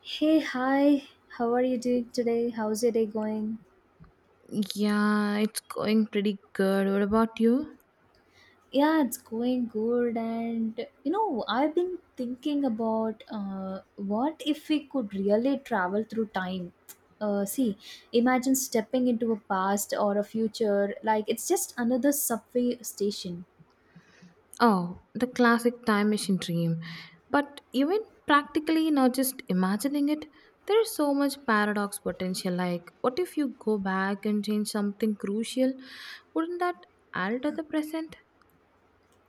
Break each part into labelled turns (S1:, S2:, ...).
S1: Hey, hi. How are you doing today? How's your day going?
S2: Yeah, it's going pretty good. What about you?
S1: Yeah, it's going good. And you know, I've been thinking about what if we could really travel through time? See, imagine stepping into a past or a future. Like, it's just another subway station.
S2: Oh, the classic time machine dream. But even practically, not just imagining it, there is so much paradox potential. Like, what if you go back and change something crucial? Wouldn't that add to the present?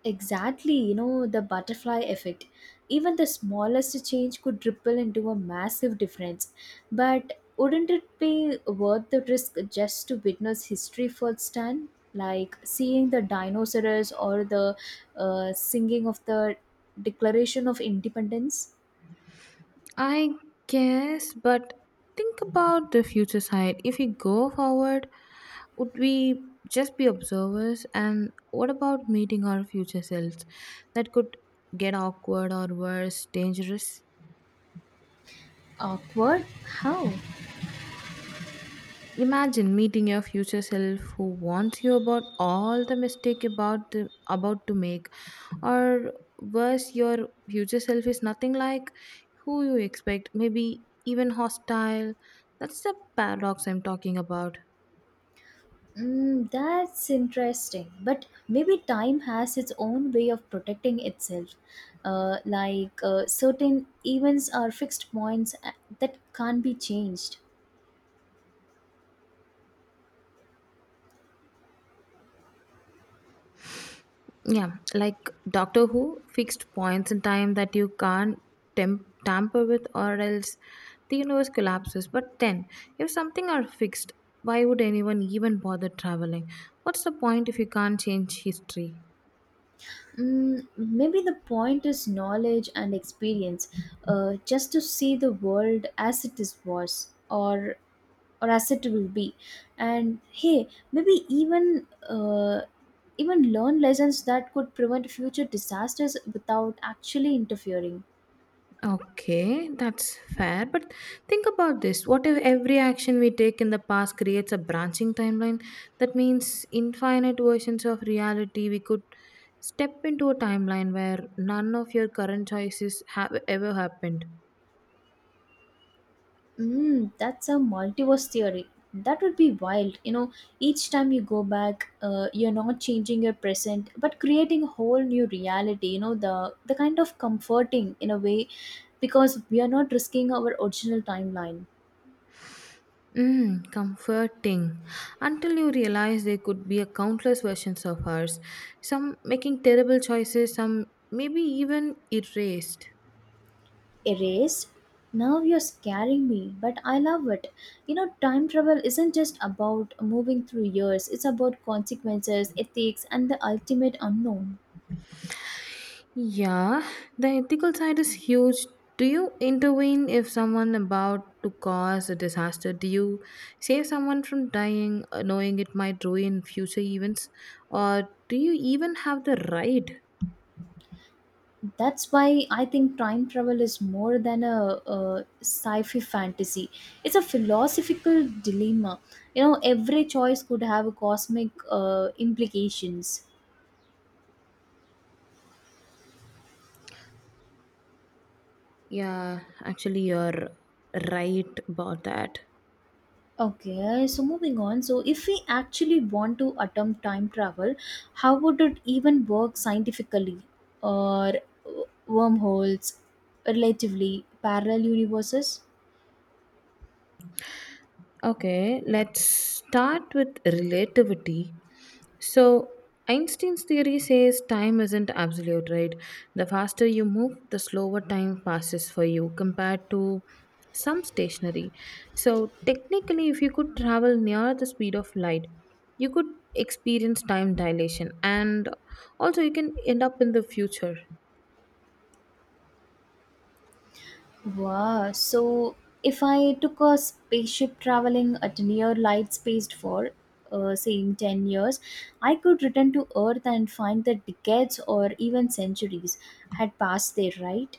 S1: Exactly, you know, the butterfly effect. Even the smallest change could ripple into a massive difference. But wouldn't it be worth the risk just to witness history firsthand? Like seeing the dinosaurs or the singing of the Declaration of Independence?
S2: I guess, but think about the future side. If we go forward, would we just be observers? And what about meeting our future selves? That could get awkward or worse, dangerous.
S1: Awkward? How?
S2: Imagine meeting your future self who wants you about all the mistake about to make, or worse, your future self is nothing like who you expect. Maybe even hostile. That's the paradox I'm talking about.
S1: Mm, that's interesting. But maybe time has its own way of protecting itself. Like certain events are fixed points that can't be changed.
S2: Yeah, like Doctor Who, fixed points in time that you can't tamper with, or else the universe collapses. But then, if something are fixed, why would anyone even bother traveling? What's the point if you can't change history?
S1: Mm, maybe the point is knowledge and experience, just to see the world as it is was or as it will be. And hey, maybe even even learn lessons that could prevent future disasters without actually interfering.
S2: Okay, that's fair. But think about this. What if every action we take in the past creates a branching timeline? That means infinite versions of reality. We could step into a timeline where none of your current choices have ever happened.
S1: Mm, that's a multiverse theory. That would be wild. You know, each time you go back, you're not changing your present, but creating a whole new reality. You know, the kind of comforting in a way because we are not risking our original timeline.
S2: Mm, comforting. Until you realize there could be a countless versions of ours. Some making terrible choices, some maybe even erased.
S1: Erased. Now you're scaring me, but I love it. You know, time travel isn't just about moving through years. It's about consequences, ethics, and the ultimate unknown.
S2: Yeah, the ethical side is huge. Do you intervene if someone about to cause a disaster? Do you save someone from dying, knowing it might ruin future events? Or do you even have the right?
S1: That's why I think time travel is more than a sci-fi fantasy. It's a philosophical dilemma. You know, every choice could have cosmic implications.
S2: Yeah, actually, you're right about that.
S1: Okay, so moving on. So if we actually want to attempt time travel, how would it even work scientifically? Or wormholes, relatively, parallel universes?
S2: Okay, let's start with relativity. So, Einstein's theory says time isn't absolute, right? The faster you move, the slower time passes for you compared to some stationary. So, technically, if you could travel near the speed of light, you could experience time dilation and also you can end up in the future.
S1: Wow. So if I took a spaceship traveling at near light spaced for, saying 10 years, I could return to Earth and find that decades or even centuries had passed there, right?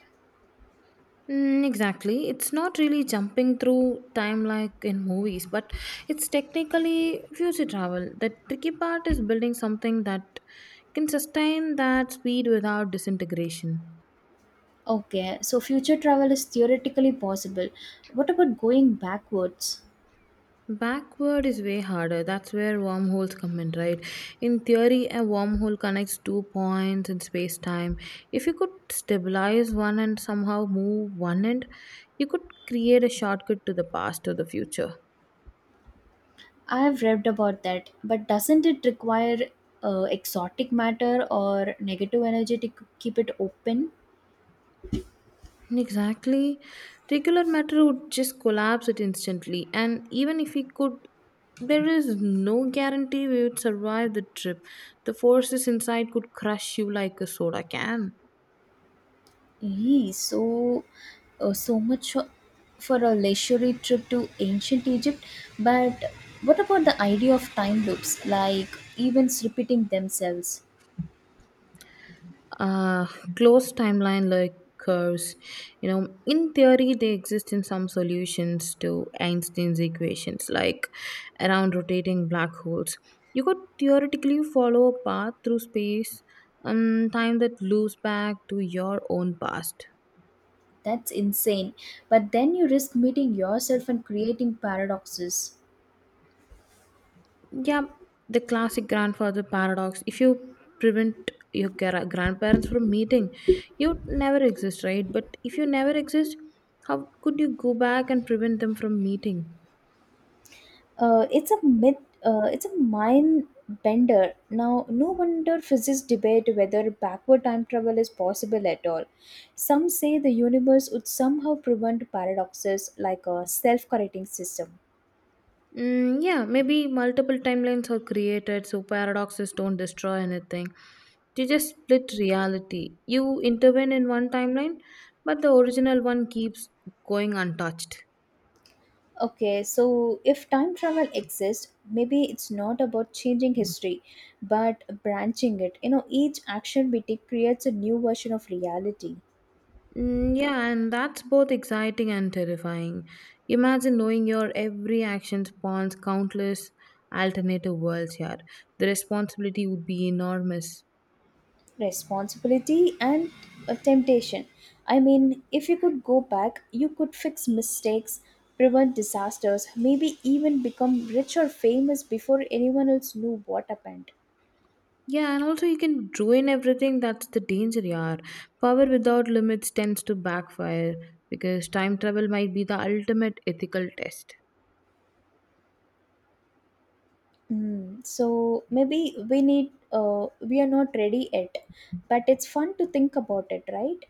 S2: Mm, exactly. It's not really jumping through time like in movies, but it's technically future travel. The tricky part is building something that can sustain that speed without disintegration.
S1: Okay, so future travel is theoretically possible. What about going backwards?
S2: Backward is way harder. That's where wormholes come in, right? In theory, a wormhole connects two points in space time. If you could stabilize one and somehow move one end, you could create a shortcut to the past or the future.
S1: I have read about that, but doesn't it require exotic matter or negative energy to keep it open?
S2: Exactly. Regular matter would just collapse it instantly, and even if we could, there is no guarantee we would survive the trip. The forces inside could crush you like a soda can.
S1: Yee, so so much for a leisurely trip to ancient Egypt. But what about the idea of time loops, like events repeating themselves?
S2: uh, closed timeline like curves, you know, in theory they exist in some solutions to Einstein's equations, like around rotating black holes. You could theoretically follow a path through space and time that loops back to your own past.
S1: That's insane. But then you risk meeting yourself and creating paradoxes.
S2: Yeah, the classic grandfather paradox. If you prevent your grandparents from meeting, you would never exist, right? But if you never exist, how could you go back and prevent them from meeting?
S1: It's a myth. It's a mind bender. Now, no wonder physicists debate whether backward time travel is possible at all. Some say the universe would somehow prevent paradoxes like a self-correcting system.
S2: Mm, yeah, maybe multiple timelines are created so paradoxes don't destroy anything. They just split reality. You intervene in one timeline, but the original one keeps going untouched.
S1: Okay, so if time travel exists, maybe it's not about changing history, but branching it. You know, each action we take creates a new version of reality.
S2: Mm, yeah, and that's both exciting and terrifying. Imagine knowing your every action spawns countless alternative worlds here. The responsibility would be enormous.
S1: Responsibility and temptation. I mean, if you could go back, you could fix mistakes, prevent disasters, maybe even become rich or famous before anyone else knew what happened.
S2: Yeah, and also you can ruin everything. That's the danger, yaar. Power without limits tends to backfire because time travel might be the ultimate ethical test.
S1: Mm, so maybe we are not ready yet, but it's fun to think about it, right?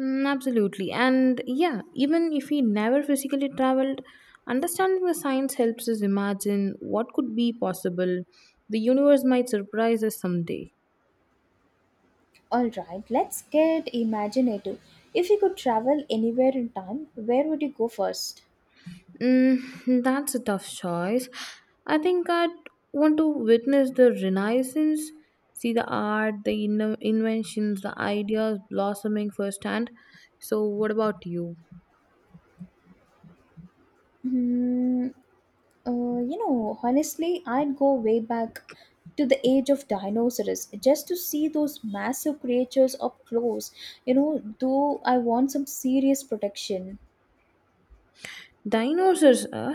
S2: Mm, absolutely. And yeah, even if we never physically traveled, understanding the science helps us imagine what could be possible. The universe might surprise us someday.
S1: All right, let's get imaginative. If you could travel anywhere in time, where would you go first?
S2: Mm, that's a tough choice. I think I'd want to witness the Renaissance, see the art, the inventions, the ideas blossoming firsthand. So, what about you?
S1: Hmm. You know, honestly, I'd go way back to the age of dinosaurs just to see those massive creatures up close. You know, though I want some serious protection.
S2: Dinosaurs,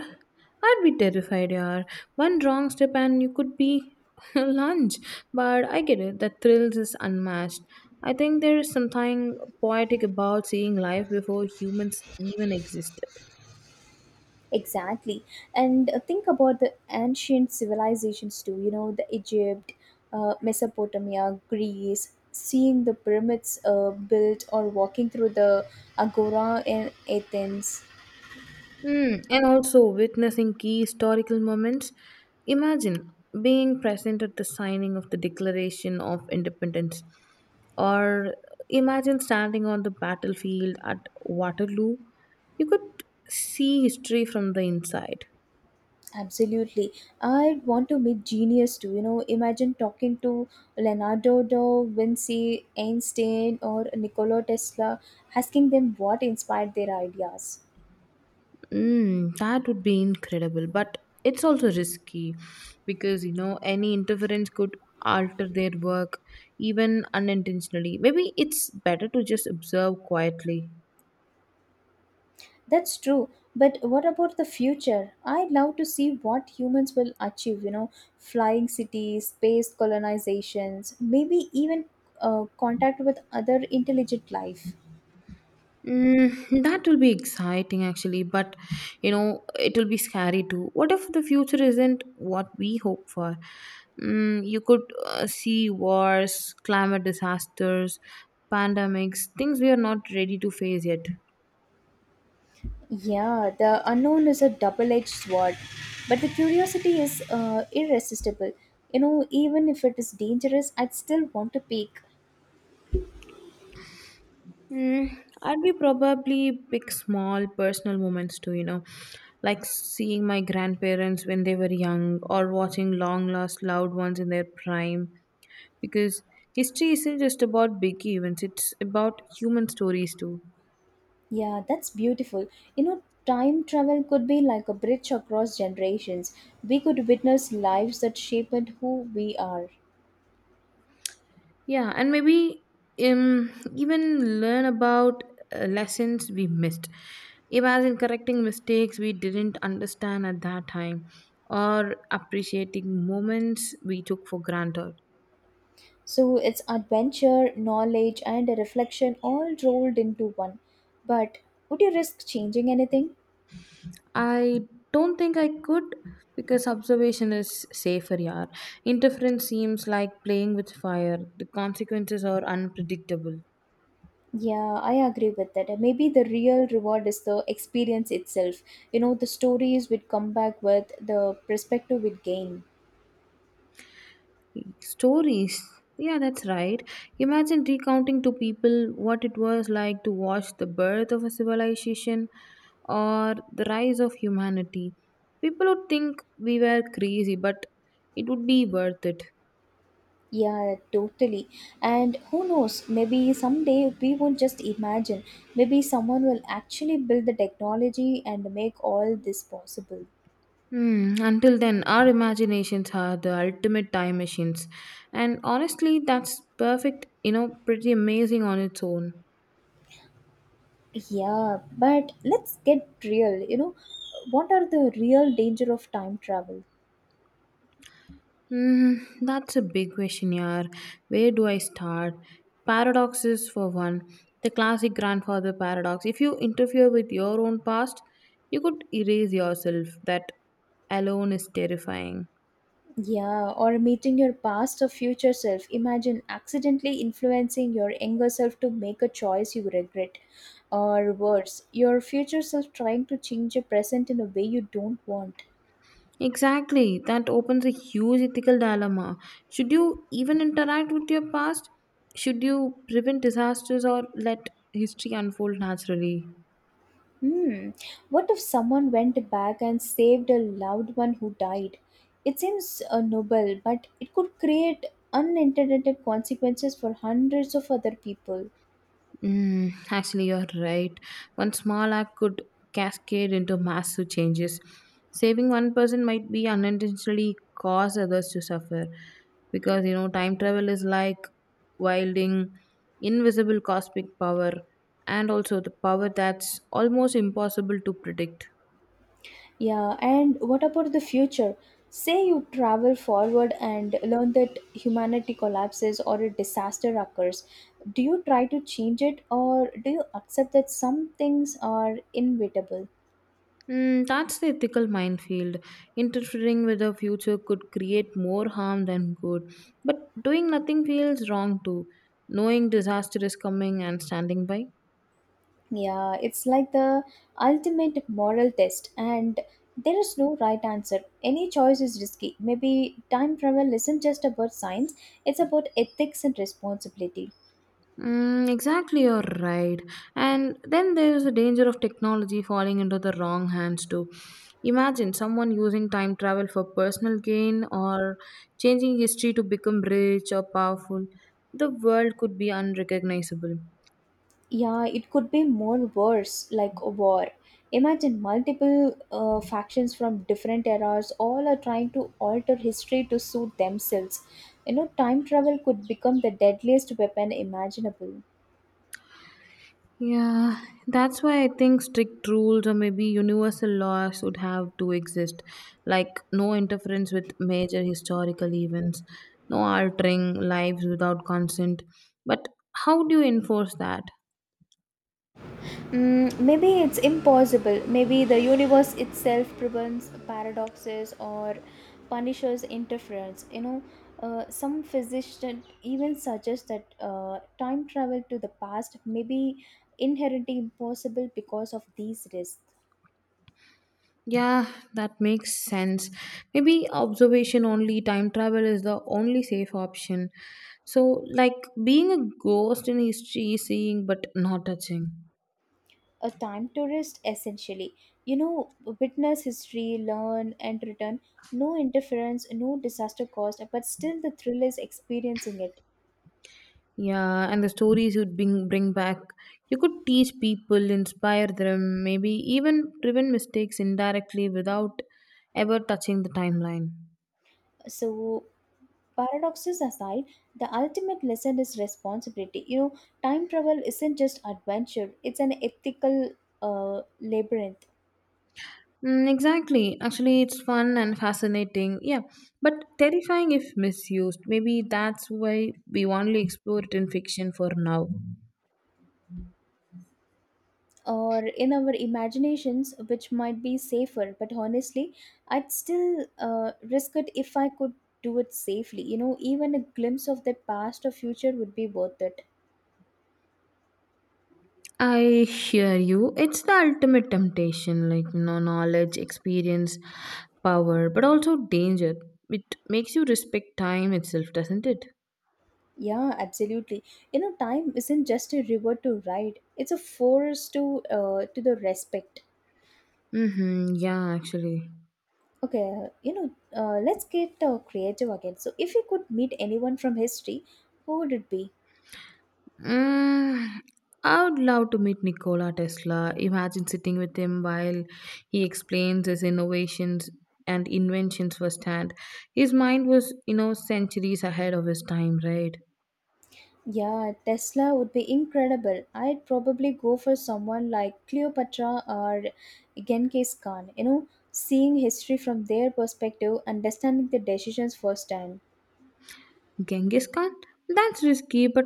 S2: I'd be terrified, yaar. One wrong step and you could be lunch. But I get it, the thrills is unmatched. I think there is something poetic about seeing life before humans even existed.
S1: Exactly. And think about the ancient civilizations too, you know, the Egypt, Mesopotamia, Greece, seeing the pyramids built or walking through the agora in Athens.
S2: Mm, and also witnessing key historical moments. Imagine being present at the signing of the Declaration of Independence, or imagine standing on the battlefield at Waterloo. You could see history from the inside.
S1: Absolutely. I want to meet genius too. You know, imagine talking to Leonardo da Vinci, Einstein, or Nikola Tesla, asking them what inspired their ideas.
S2: Mm, that would be incredible, but it's also risky because you know any interference could alter their work even unintentionally. Maybe it's better to just observe quietly.
S1: That's true. But what about the future? I'd love to see what humans will achieve, you know, flying cities, space colonizations, maybe even contact with other intelligent life.
S2: Mm, that will be exciting actually, but you know, it will be scary too. What if the future isn't what we hope for? Mm, you could see wars, climate disasters, pandemics, things we are not ready to face yet.
S1: Yeah, the unknown is a double edged sword, but the curiosity is irresistible. You know, even if it is dangerous, I'd still want to peek.
S2: Mm, I'd be probably pick small personal moments too, you know, like seeing my grandparents when they were young or watching long lost loved ones in their prime, because history isn't just about big events, it's about human stories too.
S1: Yeah, that's beautiful. You know, time travel could be like a bridge across generations. We could witness lives that shaped who we are.
S2: Yeah, and maybe, even learn about lessons we missed. Imagine correcting mistakes we didn't understand at that time, or appreciating moments we took for granted.
S1: So it's adventure, knowledge, and a reflection all rolled into one. But would you risk changing anything?
S2: I don't think I could, because observation is safer, yaar. Interference seems like playing with fire. The consequences are unpredictable.
S1: Yeah, I agree with that. And maybe the real reward is the experience itself. You know, the stories we'd come back with, the perspective we'd gain.
S2: Stories. Yeah, that's right. Imagine recounting to people what it was like to watch the birth of a civilization or the rise of humanity. People would think we were crazy, but it would be worth it.
S1: Yeah, totally. And who knows, maybe someday we won't just imagine. Maybe someone will actually build the technology and make all this possible.
S2: Hmm, until then, our imaginations are the ultimate time machines. And honestly, that's perfect, you know, pretty amazing on its own.
S1: Yeah, but let's get real. You know, what are the real danger of time travel?
S2: Mm, that's a big question, yaar. Where do I start? Paradoxes, for one. The classic grandfather paradox. If you interfere with your own past, you could erase yourself. That alone is terrifying.
S1: Yeah, or meeting your past or future self. Imagine accidentally influencing your younger self to make a choice you regret. Or worse, your future self trying to change your present in a way you don't want.
S2: Exactly. That opens a huge ethical dilemma. Should you even interact with your past? Should you prevent disasters or let history unfold naturally?
S1: Hmm, what if someone went back and saved a loved one who died? It seems noble, but it could create unintended consequences for hundreds of other people.
S2: Mm, actually, you're right. One small act could cascade into massive changes. Saving one person might be unintentionally cause others to suffer, because you know time travel is like wielding invisible cosmic power, and also the power that's almost impossible to predict.
S1: Yeah, and what about the future? Say you travel forward and learn that humanity collapses or a disaster occurs. Do you try to change it or do you accept that some things are inevitable?
S2: Mm, that's the ethical minefield. Interfering with the future could create more harm than good. But doing nothing feels wrong too. Knowing disaster is coming and standing by.
S1: Yeah, it's like the ultimate moral test, and there is no right answer. Any choice is risky. Maybe time travel isn't just about science, it's about ethics and responsibility.
S2: Mm, exactly, you're right. And then there is the danger of technology falling into the wrong hands too. Imagine someone using time travel for personal gain or changing history to become rich or powerful. The world could be unrecognizable.
S1: Yeah, it could be more worse like a war. Imagine multiple factions from different eras all are trying to alter history to suit themselves. You know, time travel could become the deadliest weapon imaginable.
S2: Yeah, that's why I think strict rules or maybe universal laws would have to exist, like no interference with major historical events, no altering lives without consent. But how do you enforce that?
S1: Mm, maybe it's impossible. Maybe the universe itself prevents paradoxes or punishes interference. You know, some physician even suggest that time travel to the past may be inherently impossible because of these risks.
S2: Yeah, that makes sense. Maybe observation only, time travel is the only safe option. So, like being a ghost in history, seeing but not touching.
S1: A time tourist, essentially, you know, witness history, learn, and return. No interference, no disaster caused, but still the thrill is experiencing it.
S2: Yeah, and the stories you'd bring back, you could teach people, inspire them, maybe even prevent mistakes indirectly without ever touching the timeline.
S1: So paradoxes aside, the ultimate lesson is responsibility. You know, time travel isn't just adventure, it's an ethical labyrinth.
S2: Mm, exactly. Actually, it's fun and fascinating. Yeah, but terrifying if misused. Maybe that's why we only explore it in fiction for now.
S1: Or in our imaginations, which might be safer, but honestly, I'd still risk it if I could do it safely. You know, even a glimpse of the past or future would be worth it.
S2: I hear you. It's the ultimate temptation, like you know, knowledge, experience, power, but also danger. It makes you respect time itself, doesn't it?
S1: Yeah, absolutely. You know, time isn't just a river to ride; it's a force to the respect.
S2: Mm-hmm. Yeah, actually.
S1: Okay, you know, let's get creative again. So, if you could meet anyone from history, who would it be?
S2: Mm, I would love to meet Nikola Tesla. Imagine sitting with him while he explains his innovations and inventions firsthand. His mind was, you know, centuries ahead of his time, right?
S1: Yeah, Tesla would be incredible. I'd probably go for someone like Cleopatra or Genghis Khan. You know, seeing history from their perspective, understanding the decisions firsthand.
S2: Genghis Khan? That's risky, but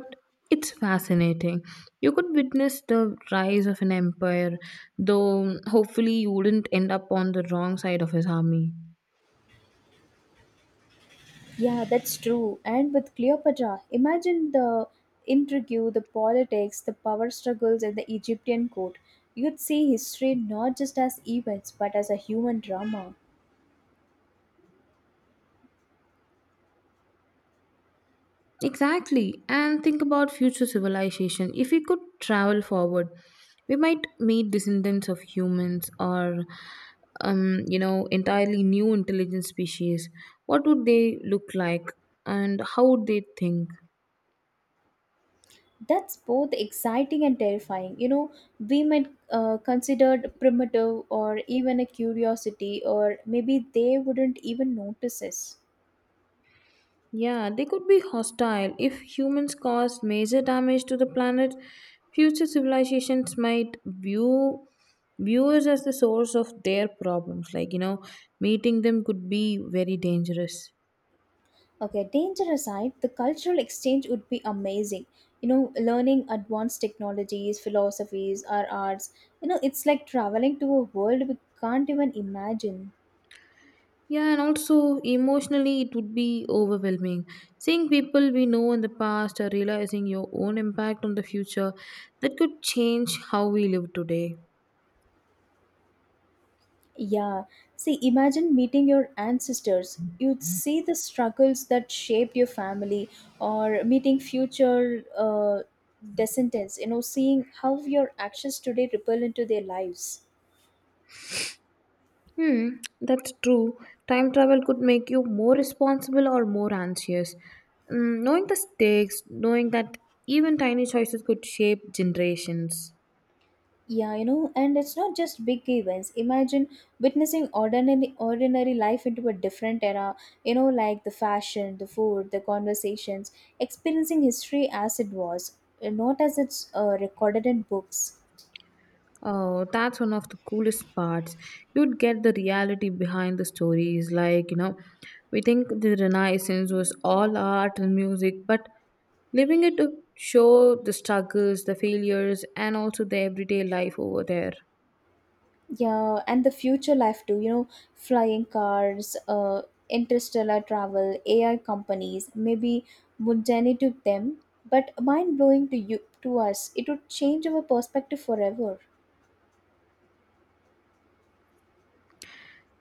S2: it's fascinating. You could witness the rise of an empire, though hopefully you wouldn't end up on the wrong side of his army.
S1: Yeah, that's true. And with Cleopatra, imagine the intrigue, the politics, the power struggles at the Egyptian court. You'd see history not just as events, but as a human drama.
S2: Exactly, and think about future civilization. If we could travel forward, we might meet descendants of humans, or, you know, entirely new intelligent species. What would they look like, and how would they think?
S1: That's both exciting and terrifying. You know, we might considered primitive or even a curiosity, or maybe they wouldn't even notice us.
S2: Yeah, they could be hostile. If humans cause major damage to the planet, future civilizations might view viewers as the source of their problems. Like, you know, meeting them could be very dangerous.
S1: Okay, danger aside, the cultural exchange would be amazing. You know, learning advanced technologies, philosophies, or arts. You know, it's like traveling to a world we can't even imagine.
S2: Yeah, and also emotionally, it would be overwhelming. Seeing people we know in the past or realizing your own impact on the future, that could change how we live today.
S1: Yeah, see, imagine meeting your ancestors. You'd see the struggles that shaped your family, or meeting future descendants. You know, seeing how your actions today ripple into their lives.
S2: Hmm, that's true. Time travel could make you more responsible or more anxious. Mm, knowing the stakes, knowing that even tiny choices could shape generations.
S1: Yeah, you know, and it's not just big events. Imagine witnessing ordinary life into a different era, you know, like the fashion, the food, the conversations, experiencing history as it was, not as it's recorded in books.
S2: Oh, that's one of the coolest parts. You'd get the reality behind the stories. Like, you know, we think the Renaissance was all art and music, but living it to show the struggles, the failures, and also the everyday life over there.
S1: Yeah, and the future life too, you know, flying cars, interstellar travel, AI companies, maybe mundane to them, but mind blowing to you to us. It would change our perspective forever.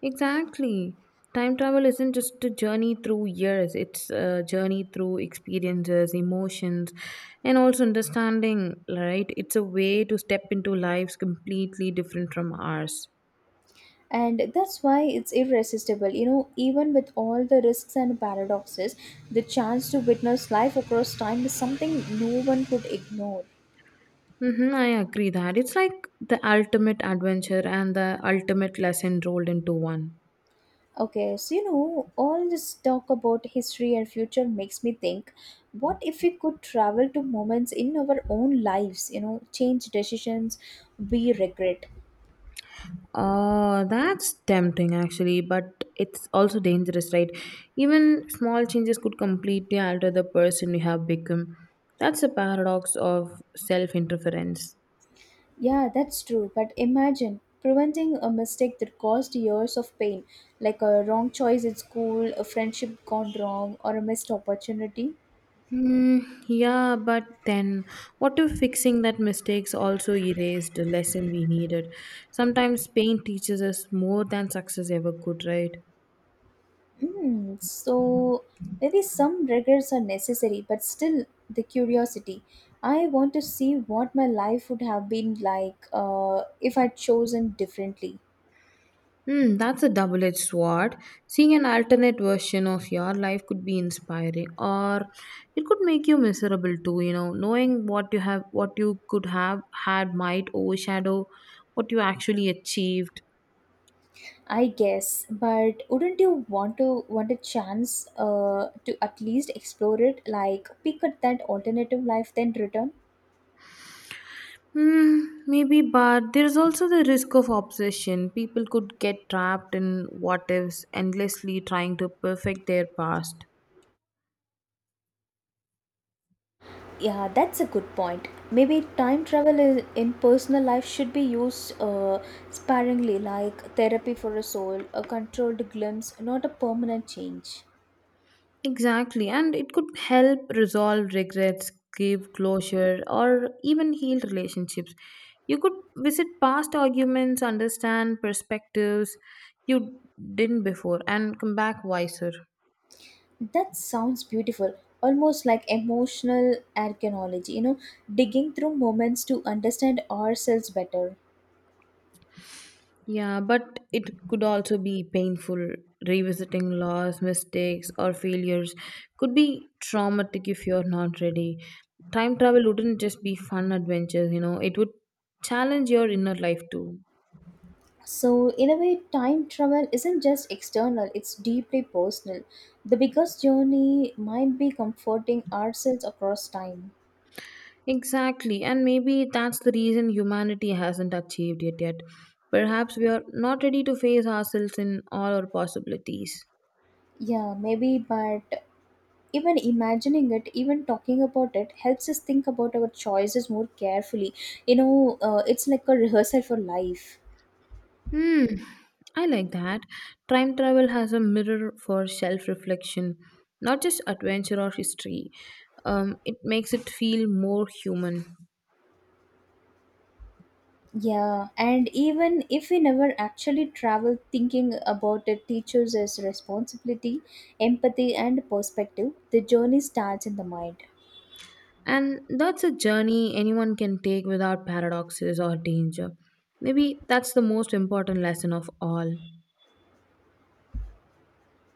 S2: Exactly. Time travel isn't just a journey through years, it's a journey through experiences, emotions, and also understanding, right? It's a way to step into lives completely different from ours.
S1: And that's why it's irresistible. You know, even with all the risks and paradoxes, the chance to witness life across time is something no one could ignore.
S2: Mm-hmm, I agree that. It's like the ultimate adventure and the ultimate lesson rolled into one.
S1: Okay, so you know all this talk about history and future makes me think, what if we could travel to moments in our own lives, you know, change decisions we regret?
S2: Oh, that's tempting actually, but it's also dangerous, right? Even small changes could completely alter the person you have become. That's a paradox of self interference.
S1: Yeah, that's true. But imagine preventing a mistake that caused years of pain, like a wrong choice at school, a friendship gone wrong, or a missed opportunity.
S2: Hmm, yeah, but then what if fixing that mistakes also erased the lesson we needed? Sometimes pain teaches us more than success ever could, right?
S1: Mm, so maybe some regrets are necessary, but still the curiosity. I want to see what my life would have been like if I'd chosen differently.
S2: Hmm, that's a double edged sword. Seeing an alternate version of your life could be inspiring or it could make you miserable too, you know. Knowing what you have what you could have had might overshadow what you actually achieved.
S1: I guess, but wouldn't you want to want a chance to at least explore it, like pick at that alternative life, then return?
S2: Hmm, maybe, but there is also the risk of obsession. People could get trapped in what ifs, endlessly trying to perfect their past.
S1: Yeah, that's a good point. Maybe time travel in personal life should be used sparingly, like therapy for a soul, a controlled glimpse, not a permanent change.
S2: Exactly, and it could help resolve regrets, give closure, or even heal relationships. You could visit past arguments, understand perspectives you didn't before, and come back wiser.
S1: That sounds beautiful, almost like emotional archaeology, you know, digging through moments to understand ourselves better.
S2: Yeah, but it could also be painful. Revisiting loss, mistakes, or failures could be traumatic if you're not ready. Time travel wouldn't just be fun adventures, you know, it would challenge your inner life too.
S1: So, in a way, time travel isn't just external, it's deeply personal. The biggest journey might be comforting ourselves across time.
S2: Exactly, and maybe that's the reason humanity hasn't achieved it yet. Perhaps we are not ready to face ourselves in all our possibilities.
S1: Yeah, maybe, but even imagining it, even talking about it helps us think about our choices more carefully. You know, it's like a rehearsal for life.
S2: Hmm, I like that. Time travel has a mirror for self reflection, not just adventure or history. It makes it feel more human.
S1: Yeah, and even if we never actually travel, thinking about it teaches us responsibility, empathy and perspective. The journey starts in the mind.
S2: And that's a journey anyone can take without paradoxes or danger. Maybe that's the most important lesson of all.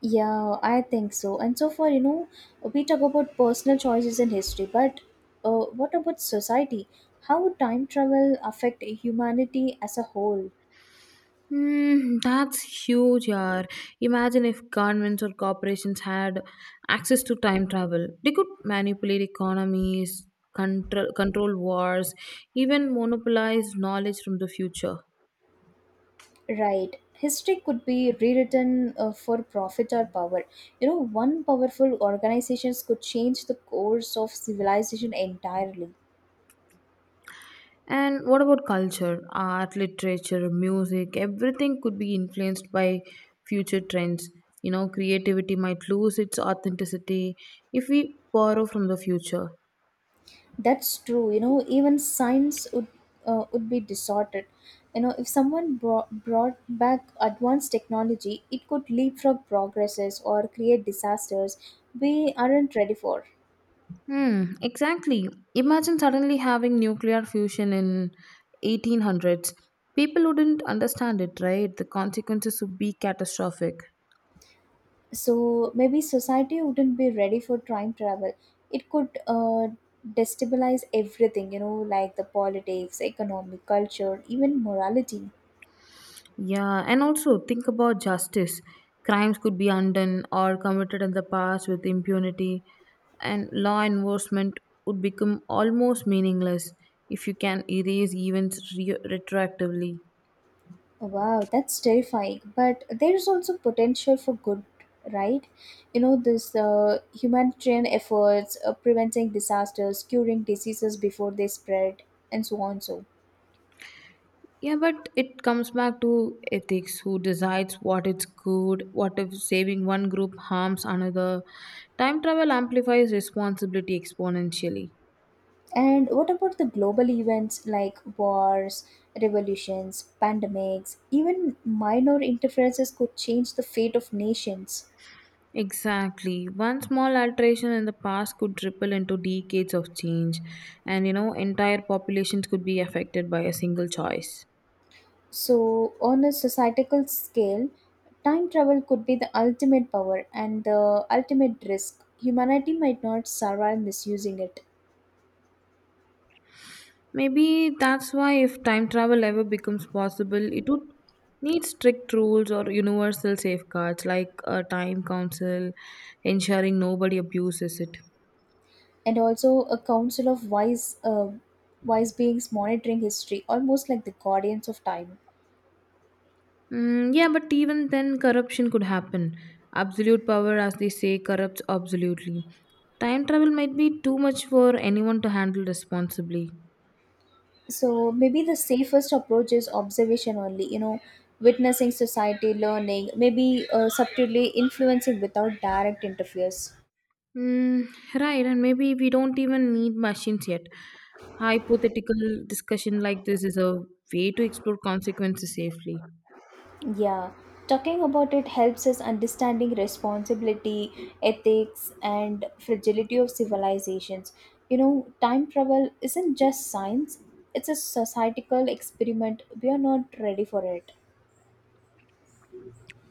S1: Yeah, I think so. And so far, you know, we talk about personal choices in history, but what about society? How would time travel affect humanity as a whole?
S2: Hmm, that's huge, yaar. Imagine if governments or corporations had access to time travel. They could manipulate economies, control wars, even monopolize knowledge from the future.
S1: Right. History could be rewritten for profit or power. You know, one powerful organizations could change the course of civilization entirely.
S2: And what about culture, art, literature, music? Everything could be influenced by future trends. You know, creativity might lose its authenticity if we borrow from the future.
S1: That's true. You know, even science would be distorted. You know, if someone brought back advanced technology, it could leapfrog progresses or create disasters we aren't ready for.
S2: Hmm, exactly. Imagine suddenly having nuclear fusion in 1800s. People wouldn't understand it, right? The consequences would be catastrophic.
S1: So maybe society wouldn't be ready for time travel. It could destabilize everything, you know, like the politics, economic, culture, even morality.
S2: Yeah, and also think about justice. Crimes could be undone or committed in the past with impunity, and law enforcement would become almost meaningless if you can erase events retroactively.
S1: Wow, that's terrifying, but there's also potential for good, right? You know, this humanitarian efforts, preventing disasters, curing diseases before they spread, and so on, so.
S2: Yeah, but it comes back to ethics who decides what is good, what if saving one group harms another. Time travel amplifies responsibility exponentially.
S1: And what about the global events like wars, revolutions, pandemics, even minor interferences could change the fate of nations?
S2: Exactly. One small alteration in the past could ripple into decades of change, and you know, entire populations could be affected by a single choice.
S1: So, on a societal scale, time travel could be the ultimate power and the ultimate risk. Humanity might not survive misusing it.
S2: Maybe that's why if time travel ever becomes possible, it would need strict rules or universal safeguards like a time council ensuring nobody abuses it.
S1: And also, a council of wise beings monitoring history, almost like the guardians of time.
S2: Mm, yeah, but even then, corruption could happen. Absolute power, as they say, corrupts absolutely. Time travel might be too much for anyone to handle responsibly.
S1: So maybe the safest approach is observation only. You know, witnessing society, learning, maybe subtly influencing without direct interference.
S2: Mm, right, and maybe we don't even need machines yet. Hypothetical discussion like this is a way to explore consequences safely.
S1: Yeah, talking about it helps us understanding responsibility, ethics and fragility of civilizations. You know, time travel isn't just science, it's a societal experiment we are not ready for it.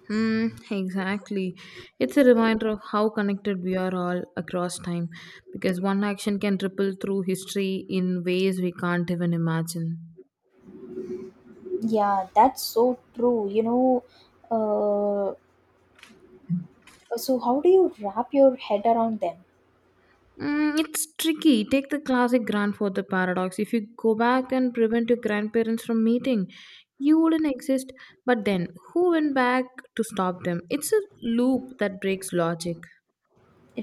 S2: Hmm, exactly. It's a reminder of how connected we are all across time because one action can ripple through history in ways we can't even imagine.
S1: Yeah, that's so true. Uh, So, how do you wrap your head around them?
S2: Mm, it's tricky. Take the classic grandfather paradox. If you go back and prevent your grandparents from meeting, you wouldn't exist. But then, who went back to stop them? It's a loop that breaks logic.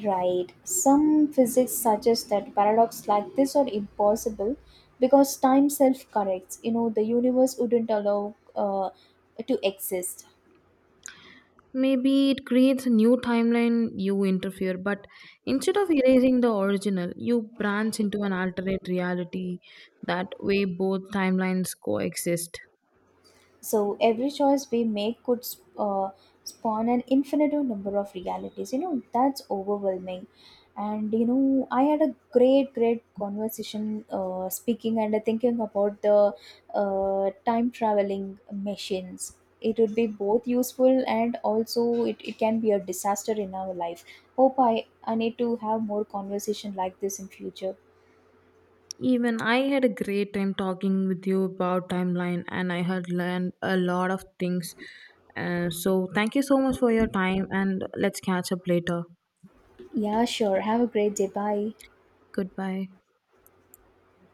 S1: Right. Some physics suggests that paradox like this are impossible because time self corrects. You know, the universe wouldn't allow to exist.
S2: Maybe it creates a new timeline you interfere, but instead of erasing the original, you branch into an alternate reality. That way, both timelines coexist.
S1: So every choice we make could spawn an infinite number of realities. You know that's overwhelming. And you know, I had a great conversation speaking and thinking about the time traveling machines. It would be both useful and also it can be a disaster in our life. Hope I need to have more conversation like this in future.
S2: Even I had a great time talking with you about timeline, and I had learned a lot of things. So, thank you so much for your time, and let's catch up later.
S1: Yeah, sure. Have a great day. Bye.
S2: Goodbye.